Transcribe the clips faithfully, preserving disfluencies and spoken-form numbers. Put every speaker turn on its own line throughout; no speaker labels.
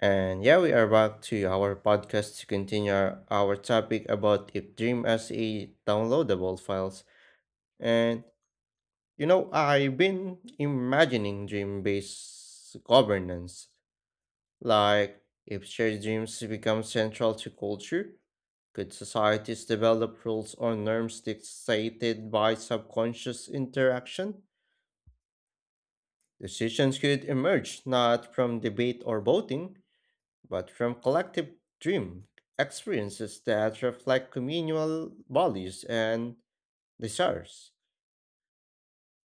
And yeah, we are back to our podcast to continue our, our topic about if Dream S E downloadable files. And you know, I've been imagining Dream based governance. Like, if shared dreams become central to culture, could societies develop rules or norms dictated by subconscious interaction? Decisions could emerge not from debate or voting, but from collective dream experiences that reflect communal values and desires.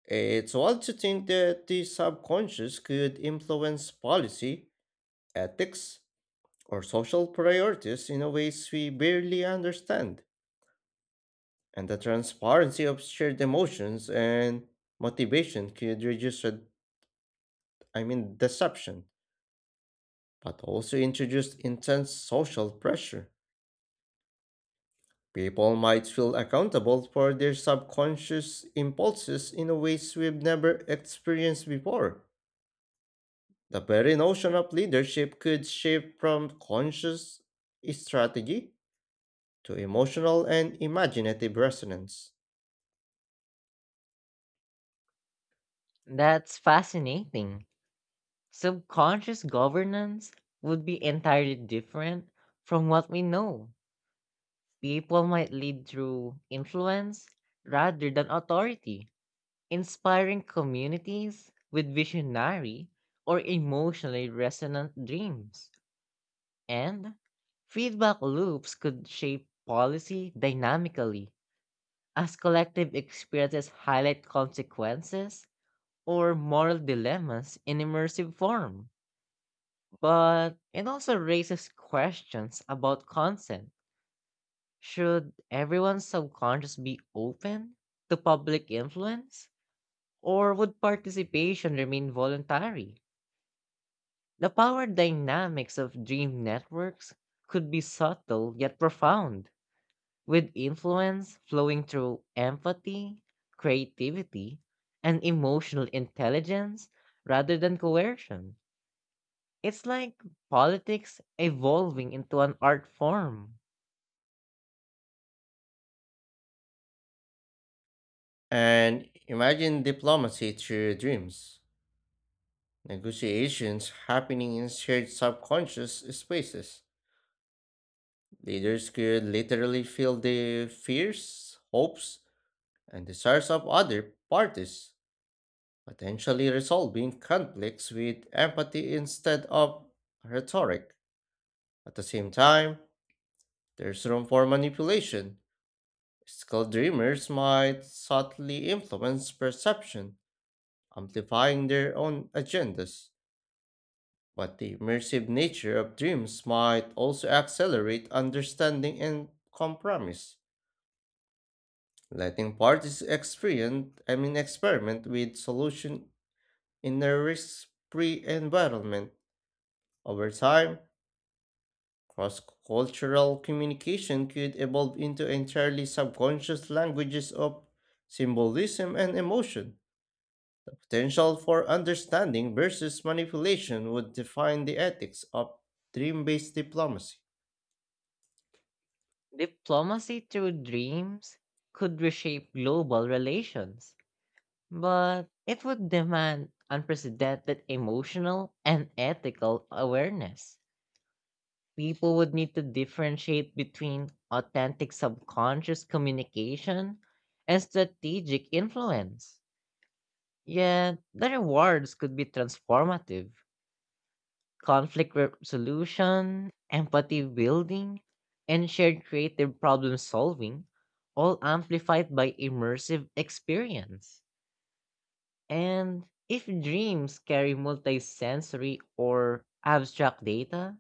It's wild to think that the subconscious could influence policy, ethics, or social priorities in a ways we barely understand. And the transparency of shared emotions and motivation could reduce, uh, I mean, deception, but also introduce intense social pressure. People might feel accountable for their subconscious impulses in a ways we've never experienced before. The very notion of leadership could shift from conscious strategy to emotional and imaginative resonance.
That's fascinating. Subconscious governance would be entirely different from what we know. People might lead through influence rather than authority, inspiring communities with visionary or emotionally resonant dreams. And feedback loops could shape policy dynamically as collective experiences highlight consequences or moral dilemmas in immersive form. But it also raises questions about consent. Should everyone's subconscious be open to public influence? Or would participation remain voluntary? The power dynamics of dream networks could be subtle yet profound, with influence flowing through empathy, creativity, and emotional intelligence rather than coercion. It's like politics evolving into an art form.
And imagine diplomacy through dreams, negotiations happening in shared subconscious spaces. Leaders could literally feel the fears, hopes, and desires of other parties potentially resolving conflicts with empathy instead of rhetoric. At the same time, there's room for manipulation. Skilled dreamers might subtly influence perception, amplifying their own agendas. But the immersive nature of dreams might also accelerate understanding and compromise, letting parties experience, I mean, experiment with solution in a risk-free environment. Over time, cross cultural communication could evolve into entirely subconscious languages of symbolism and emotion. Potential for understanding versus manipulation would define the ethics of dream based diplomacy.
Diplomacy through dreams could reshape global relations, but it would demand unprecedented emotional and ethical awareness. People would need to differentiate between authentic subconscious communication and strategic influence. Yet, the rewards could be transformative: conflict resolution, empathy building, and shared creative problem solving, all amplified by immersive experience. And if dreams carry multisensory or abstract data,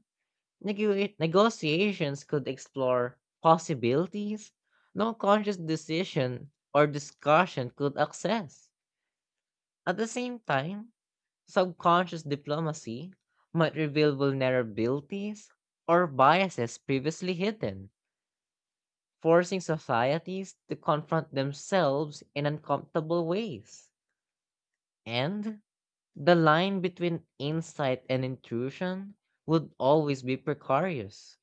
negu- negotiations could explore possibilities no conscious decision or discussion could access. At the same time, subconscious diplomacy might reveal vulnerabilities or biases previously hidden, forcing societies to confront themselves in uncomfortable ways. And the line between insight and intrusion would always be precarious.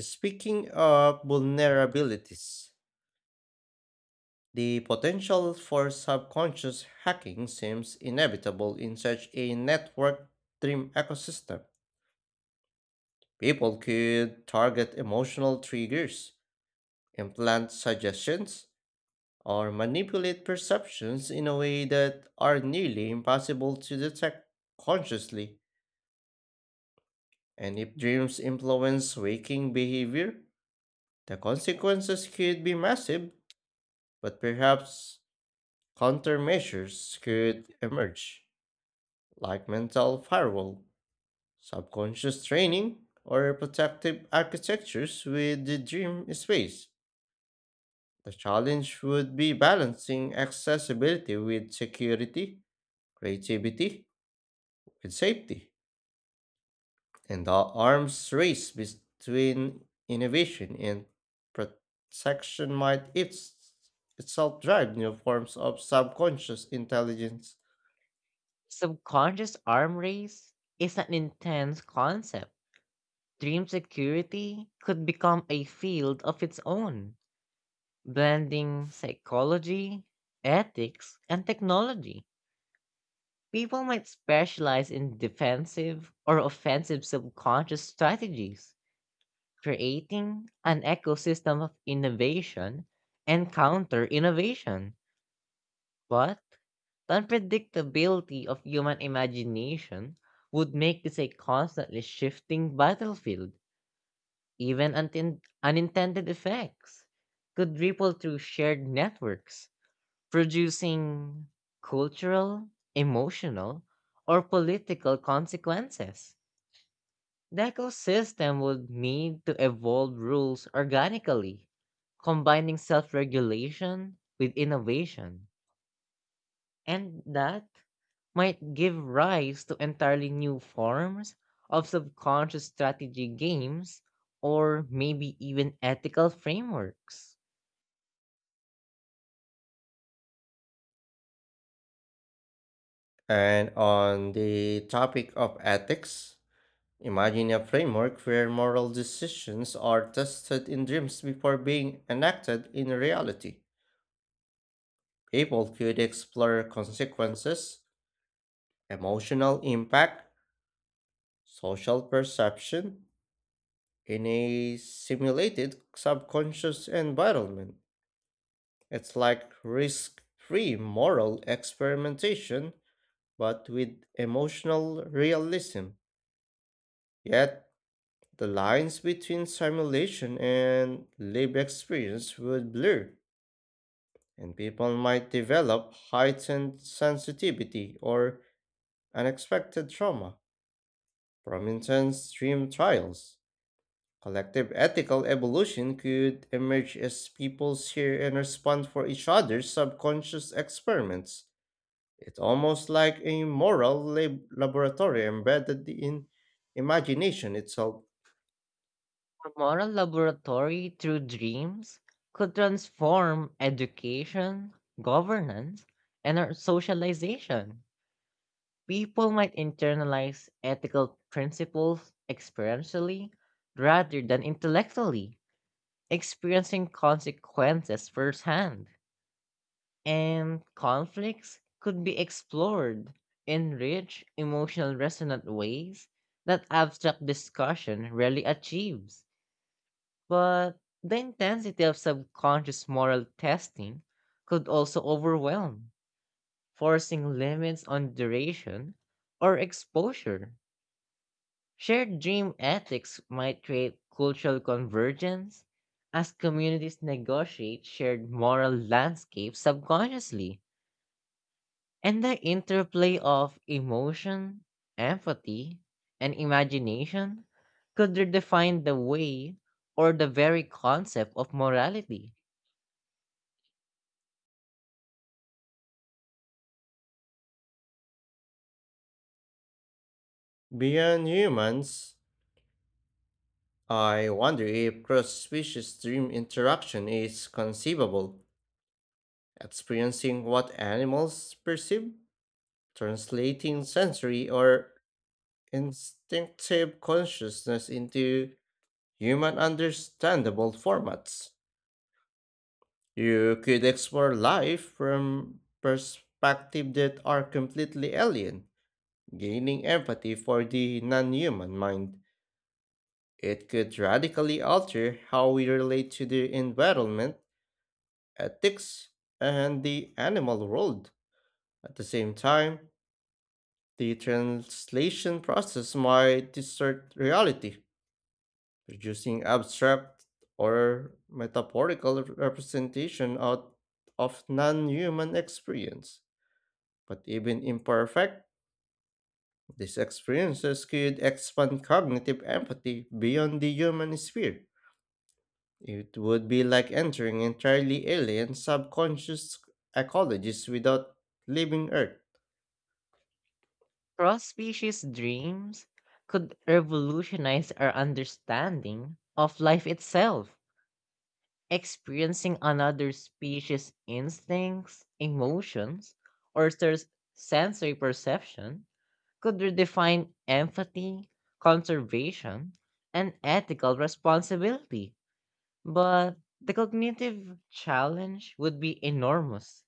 Speaking of vulnerabilities, the potential for subconscious hacking seems inevitable in such a network dream ecosystem. People could target emotional triggers, implant suggestions, or manipulate perceptions in a way that are nearly impossible to detect consciously. And if dreams influence waking behavior, the consequences could be massive, but perhaps countermeasures could emerge, like mental firewall, subconscious training, or protective architectures with the dream space. The challenge would be balancing accessibility with security, creativity, with safety, and the arms race between innovation and protection might its, itself drive new forms of subconscious intelligence.
Subconscious arm race is an intense concept. Dream security could become a field of its own, blending psychology, ethics, and technology. People might specialize in defensive or offensive subconscious strategies, creating an ecosystem of innovation and counter innovation. But the unpredictability of human imagination would make this a constantly shifting battlefield. Even untin- unintended effects could ripple through shared networks, producing cultural, emotional, or political consequences. The ecosystem would need to evolve rules organically, combining self regulation with innovation. And that might give rise to entirely new forms of subconscious strategy games or maybe even ethical frameworks.
And on the topic of ethics, imagine a framework where moral decisions are tested in dreams before being enacted in reality. People could explore consequences, emotional impact, social perception, in a simulated subconscious environment. It's like risk free moral experimentation but with emotional realism. Yet, the lines between simulation and lived experience would blur, and people might develop heightened sensitivity or unexpected trauma from intense dream trials. Collective ethical evolution could emerge as peoples hear and respond for each other's subconscious experiments. It's almost like a moral lab- laboratory embedded in imagination itself.
A moral laboratory through dreams could transform education, governance, and our socialization. People might internalize ethical principles experientially rather than intellectually, experiencing consequences firsthand. And conflicts could be explored in rich, emotional, resonant ways that abstract discussion rarely achieves. But the intensity of subconscious moral testing could also overwhelm, forcing limits on duration or exposure. Shared dream ethics might create cultural convergence as communities negotiate shared moral landscapes subconsciously. And the interplay of emotion, empathy, and imagination could redefine the way or the very concept of morality.
Beyond humans, I wonder if cross species dream interaction is conceivable, experiencing what animals perceive, translating sensory or instinctive consciousness into human understandable formats. You could explore life from perspectives that are completely alien, gaining empathy for the non human mind. It could radically alter how we relate to the environment, ethics, and the animal world. At the same time, the translation process might distort reality producing abstract or metaphorical representation out of non human experience. But even imperfect, these experiences could expand cognitive empathy beyond the human sphere. It would be like entering entirely alien subconscious ecologies without leaving Earth.
Cross-species dreams could revolutionize our understanding of life itself. Experiencing another species' instincts, emotions, or their sensory perception could redefine empathy, conservation, and ethical responsibility. But the cognitive challenge would be enormous.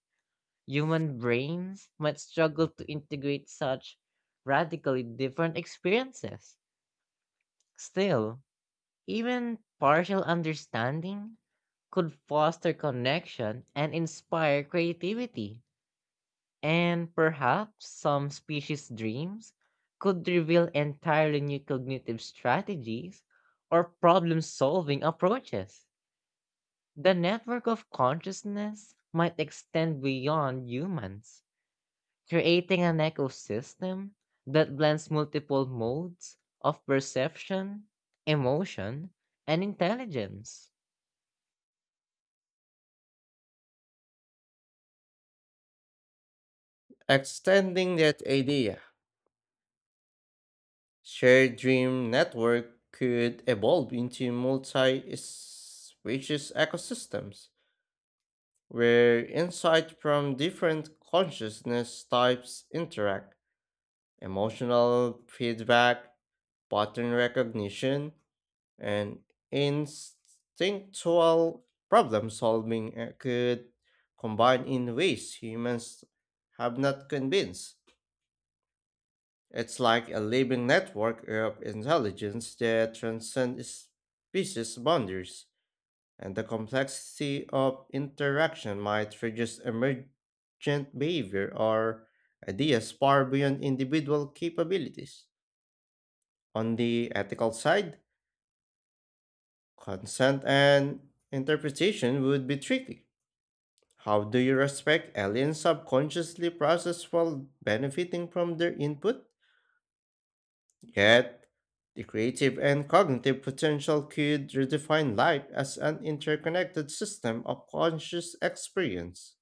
Human brains might struggle to integrate such radically different experiences. Still, even partial understanding could foster connection and inspire creativity. And perhaps some species' dreams could reveal entirely new cognitive strategies or problem solving approaches. The network of consciousness might extend beyond humans, creating an ecosystem that blends multiple modes of perception, emotion, and intelligence.
Extending that idea, Shared Dream Network could evolve into multi species ecosystems where insight from different consciousness types interact. Emotional feedback, pattern recognition, and instinctual problem solving uh, could combine in ways humans have not convinced. It's like a living network of intelligence that transcends species boundaries, and the complexity of interaction might produce emergent behavior or ideas far beyond individual capabilities. On the ethical side, consent and interpretation would be tricky. How do you respect aliens subconsciously process while benefiting from their input? Yet, the creative and cognitive potential could redefine life as an interconnected system of conscious experience.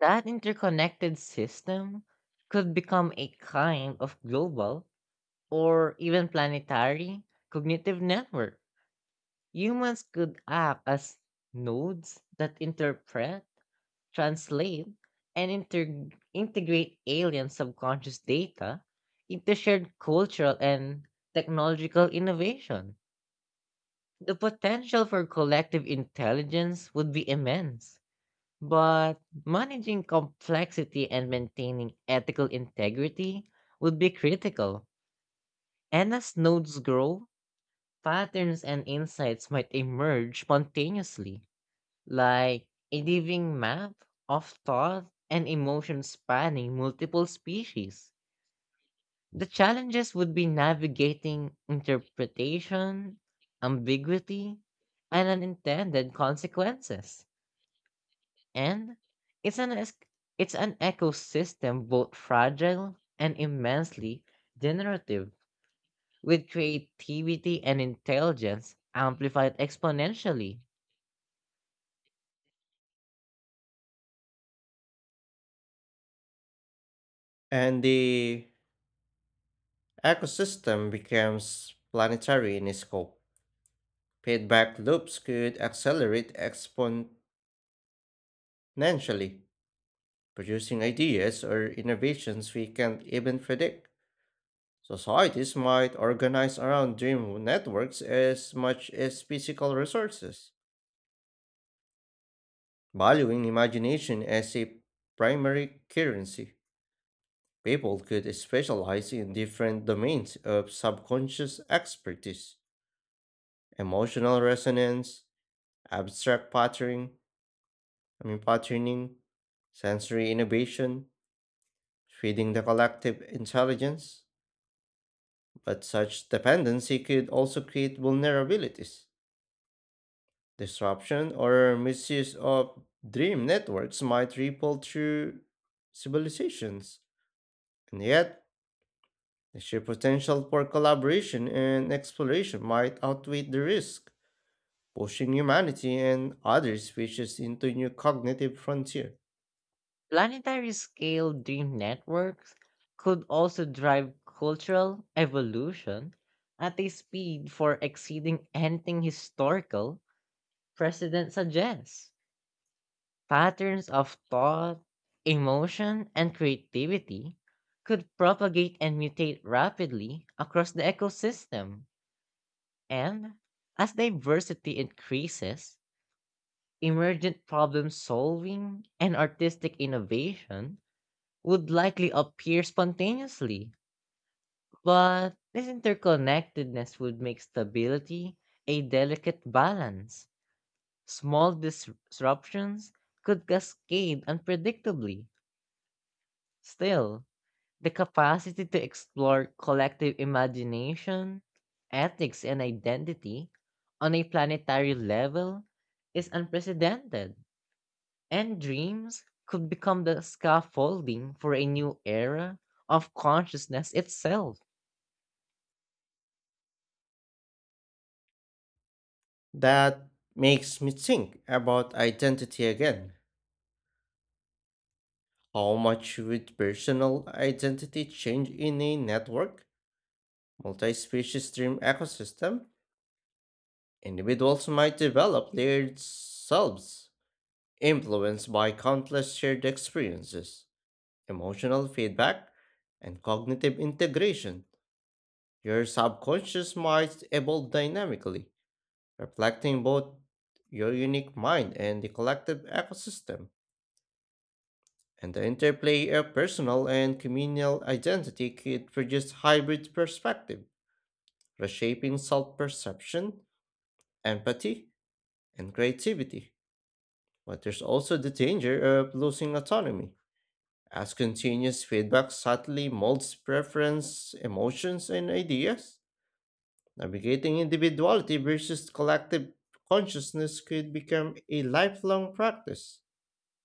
That interconnected system could become a kind of global or even planetary cognitive network. Humans could act as nodes that interpret, translate, and inter- integrate alien subconscious data into shared cultural and technological innovation. The potential for collective intelligence would be immense, but managing complexity and maintaining ethical integrity would be critical. And as nodes grow, patterns and insights might emerge spontaneously, like a living map of thought and emotion spanning multiple species. The challenges would be navigating interpretation, ambiguity, and unintended consequences. And it's an es- it's an ecosystem both fragile and immensely generative, with creativity and intelligence amplified exponentially.
And the ecosystem becomes planetary in scope. Feedback loops could accelerate exponentially, producing ideas or innovations we can't even predict. Societies might organize around dream networks as much as physical resources, valuing imagination as a primary currency. People could specialize in different domains of subconscious expertise, emotional resonance, abstract patterning, I mean patterning, sensory innovation, feeding the collective intelligence. But such dependency could also create vulnerabilities. Disruption or misuse of dream networks might ripple through civilizations, and yet the sheer potential for collaboration and exploration might outweigh the risk, pushing humanity and other species into new cognitive frontier.
Planetary scale dream networks could also drive cultural evolution at a speed for exceeding anything historical precedent suggests. Patterns of thought, emotion, and creativity could propagate and mutate rapidly across the ecosystem. And as diversity increases, emergent problem solving and artistic innovation would likely appear spontaneously, but this interconnectedness would make stability a delicate balance. Small dis- disruptions could cascade unpredictably. Still, the capacity to explore collective imagination, ethics, and identity on a planetary level is unprecedented, and dreams could become the scaffolding for a new era of consciousness itself.
That makes me think about identity again. How much would personal identity change in a network? Multi species stream ecosystem, individuals might develop layered selves influenced by countless shared experiences, emotional feedback, and cognitive integration. Your subconscious might evolve dynamically, reflecting both your unique mind and the collective ecosystem. And the interplay of personal and communal identity could produce hybrid perspective, reshaping self perception, empathy, and creativity. But there's also the danger of losing autonomy, as continuous feedback subtly molds preference, emotions, and ideas. Navigating individuality versus collective consciousness could become a lifelong practice.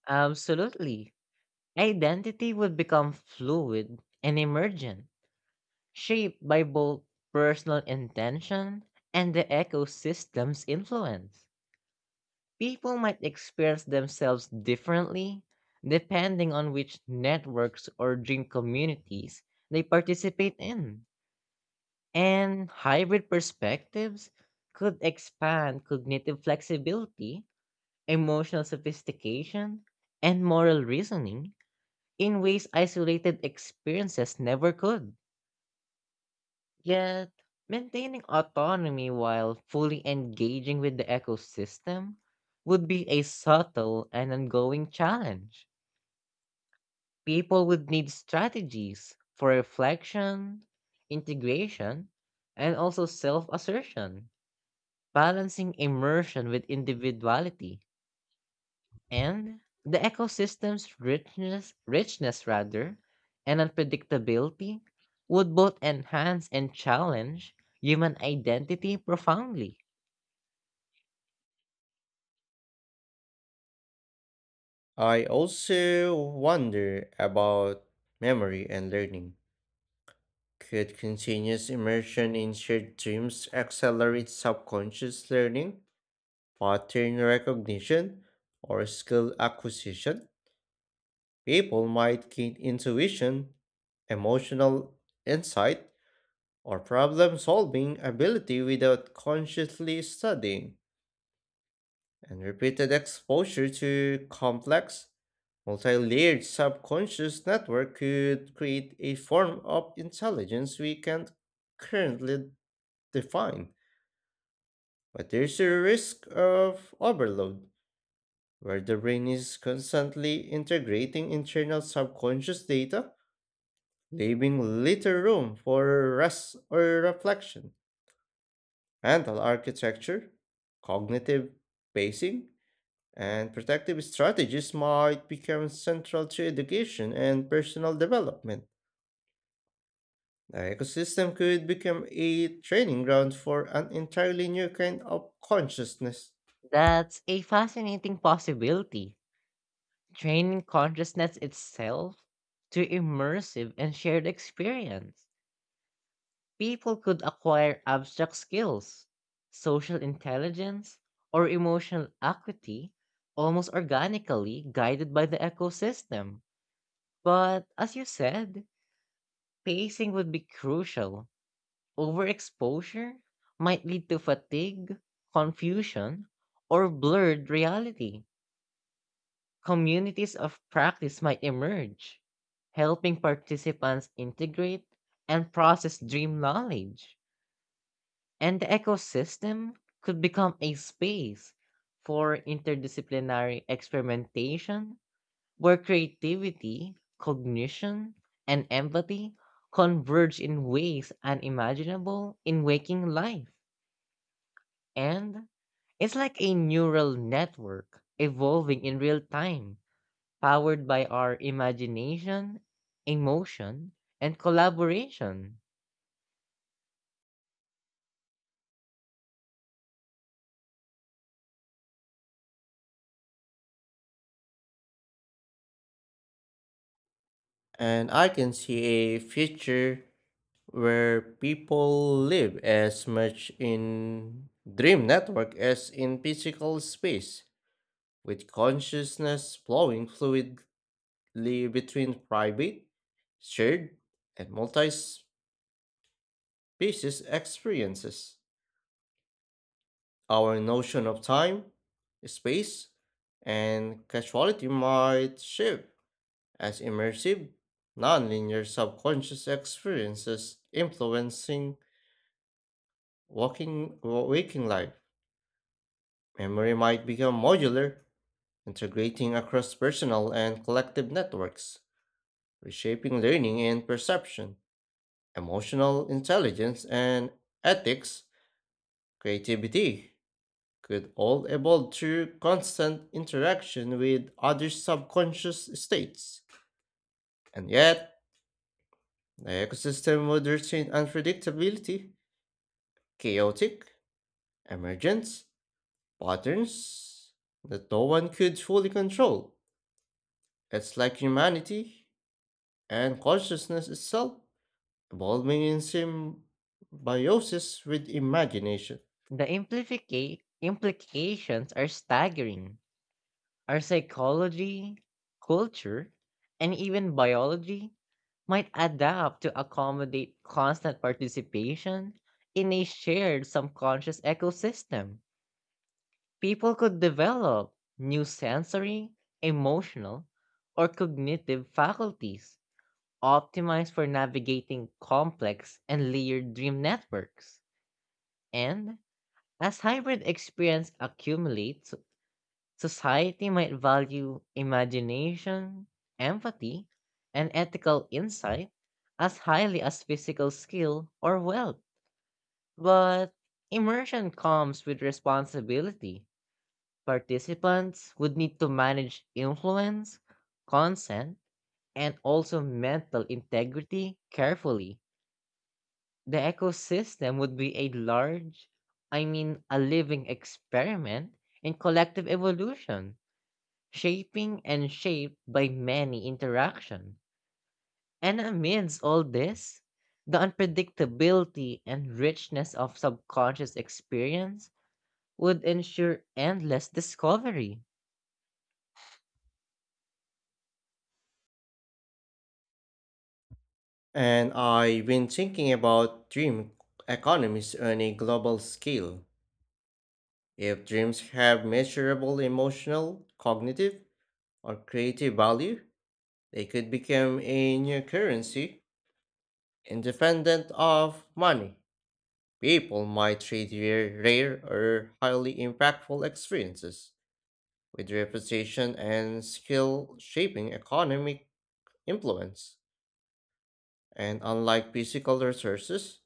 Absolutely. Identity would become fluid and emergent, shaped by both personal intention and the ecosystem's influence. People might experience themselves differently depending on which networks or dream communities they participate in. And hybrid perspectives could expand cognitive flexibility, emotional sophistication, and moral reasoning in ways isolated experiences never could. Yet, maintaining autonomy while fully engaging with the ecosystem would be a subtle and ongoing challenge. People would need strategies for reflection, integration, and also self assertion, balancing immersion with individuality. And the ecosystem's richness richness rather and unpredictability would both enhance and challenge human identity profoundly.
I also wonder about memory and learning. Could continuous immersion in shared dreams accelerate subconscious learning, pattern recognition, or skill acquisition? People might gain intuition, emotional insight, or problem solving ability without consciously studying. And repeated exposure to complex, multi layered subconscious network could create a form of intelligence we can't currently define. But there's a risk of overload where the brain is constantly integrating internal subconscious data, leaving little room for rest or reflection. Mental architecture, cognitive pacing, and protective strategies might become central to education and personal development. The ecosystem could become a training ground for an entirely new kind of consciousness.
That's a fascinating possibility, training consciousness itself. To immersive and shared experience, people could acquire abstract skills, social intelligence, or emotional acuity almost organically, guided by the ecosystem. But as you said, pacing would be crucial. Overexposure might lead to fatigue, confusion, or blurred reality. Communities of practice might emerge, helping participants integrate and process dream knowledge. And the ecosystem could become a space for interdisciplinary experimentation where creativity, cognition, and empathy converge in ways unimaginable in waking life. And it's like a neural network evolving in real time, powered by our imagination, emotion, and collaboration.
And I can see a future where people live as much in dream network as in physical space, with consciousness flowing fluidly between private, shared, and multi species experiences. Our notion of time, space, and casuality might shift as immersive, nonlinear subconscious experiences influencing walking, waking life. Memory might become modular, integrating across personal and collective networks, reshaping learning and perception. Emotional intelligence and ethics, creativity, could all evolve through constant interaction with other subconscious states. And yet, the ecosystem would retain unpredictability, chaotic, emergence, patterns that no one could fully control. It's like humanity and consciousness itself, evolving in symbiosis with imagination.
The implifica- implications are staggering. Our psychology, culture, and even biology might adapt to accommodate constant participation in a shared subconscious ecosystem. People could develop new sensory, emotional, or cognitive faculties optimized for navigating complex and layered dream networks. And as hybrid experience accumulates, society might value imagination, empathy, and ethical insight as highly as physical skill or wealth. But immersion comes with responsibility. Participants would need to manage influence, consent, and also mental integrity carefully. The ecosystem would be a large, I mean, a living experiment in collective evolution, shaping and shaped by many interaction. And amidst all this, the unpredictability and richness of subconscious experience would ensure endless discovery.
And I've been thinking about dream economies on a global scale. If dreams have measurable emotional, cognitive, or creative value, they could become a new currency independent of money. People might trade their rare or highly impactful experiences with reputation and skill shaping economic influence. And unlike physical resources,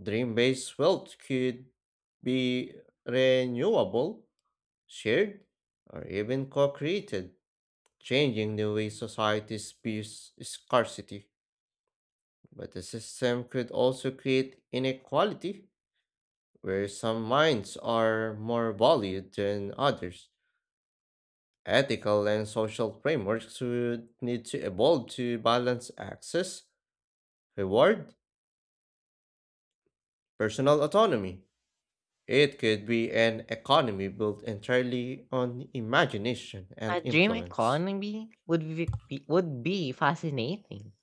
dream based wealth could be renewable, shared, or even co created, changing the way societies views scarcity. But the system could also create inequality, where some minds are more valued than others. Ethical and social frameworks would need to evolve to balance access, reward, personal autonomy. It could be an economy built entirely on imagination and
A dream
influence.
economy would be, would be fascinating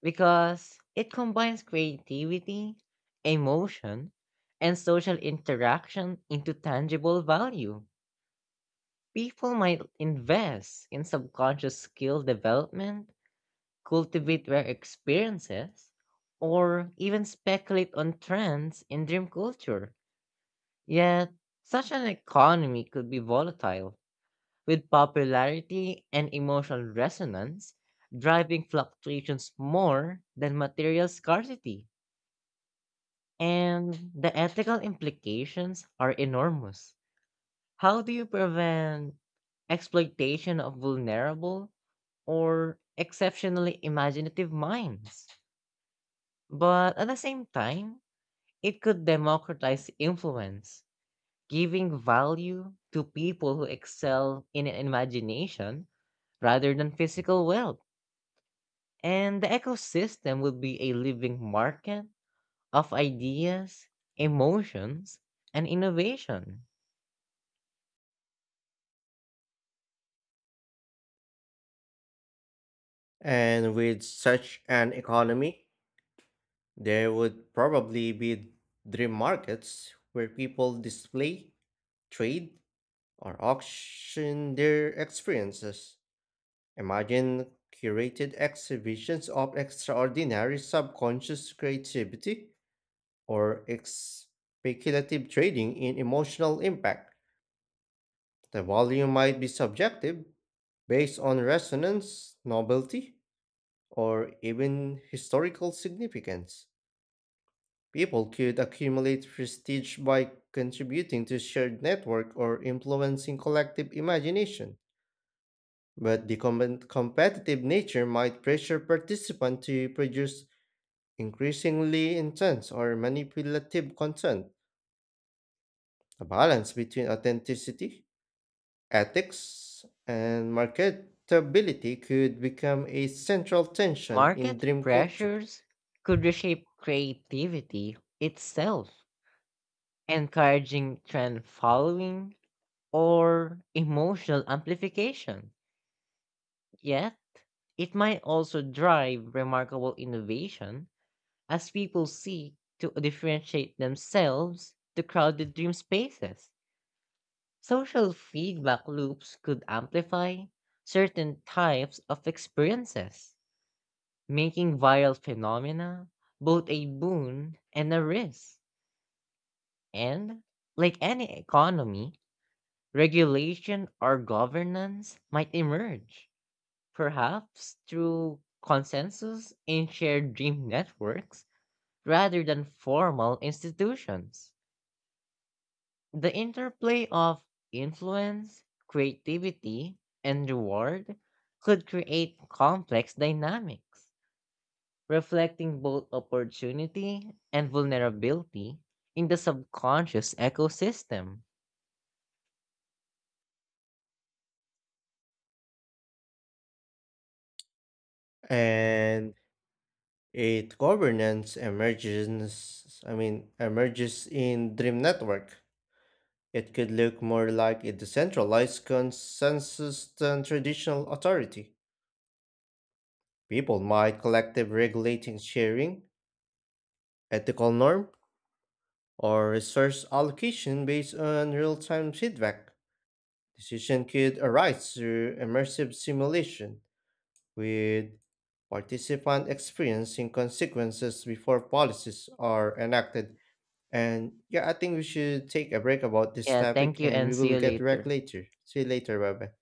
because it combines creativity, emotion, and social interaction into tangible value. People might invest in subconscious skill development, cultivate rare experiences, or even speculate on trends in dream culture. Yet, such an economy could be volatile, with popularity and emotional resonance driving fluctuations more than material scarcity. And the ethical implications are enormous. How do you prevent exploitation of vulnerable or exceptionally imaginative minds? But at the same time, it could democratize influence, giving value to people who excel in imagination rather than physical wealth. And the ecosystem would be a living market of ideas, emotions, and innovation.
And with such an economy, there would probably be dream markets where people display, trade, or auction their experiences. Imagine curated exhibitions of extraordinary subconscious creativity or ex- speculative trading in emotional impact. The volume might be subjective, based on resonance, novelty, or even historical significance. People could accumulate prestige by contributing to shared network or influencing collective imagination, but the com- competitive nature might pressure participants to produce increasingly intense or manipulative content, a balance between authenticity, ethics, and marketability could become a central tension in
Market
dream culture.
pressures could reshape creativity itself, encouraging trend following or emotional amplification. Yet, it might also drive remarkable innovation as people seek to differentiate themselves to crowded dream spaces. Social feedback loops could amplify certain types of experiences, making viral phenomena both a boon and a risk. And, like any economy, regulation or governance might emerge, perhaps through consensus in shared dream networks rather than formal institutions. The interplay of influence, creativity, and reward could create complex dynamics, reflecting both opportunity and vulnerability in the subconscious ecosystem.
And it governance emerges I mean emerges in Dream Network. It could look more like a decentralized consensus than traditional authority. People might collective regulating sharing, ethical norm, or resource allocation based on real time feedback. Decision could arise through immersive simulation, with participants experiencing consequences before policies are enacted. And yeah, I think we should take a break about this
Yeah,
topic
thank you
and we
and see
will
you
get back
later.
later. See you later, bye bye.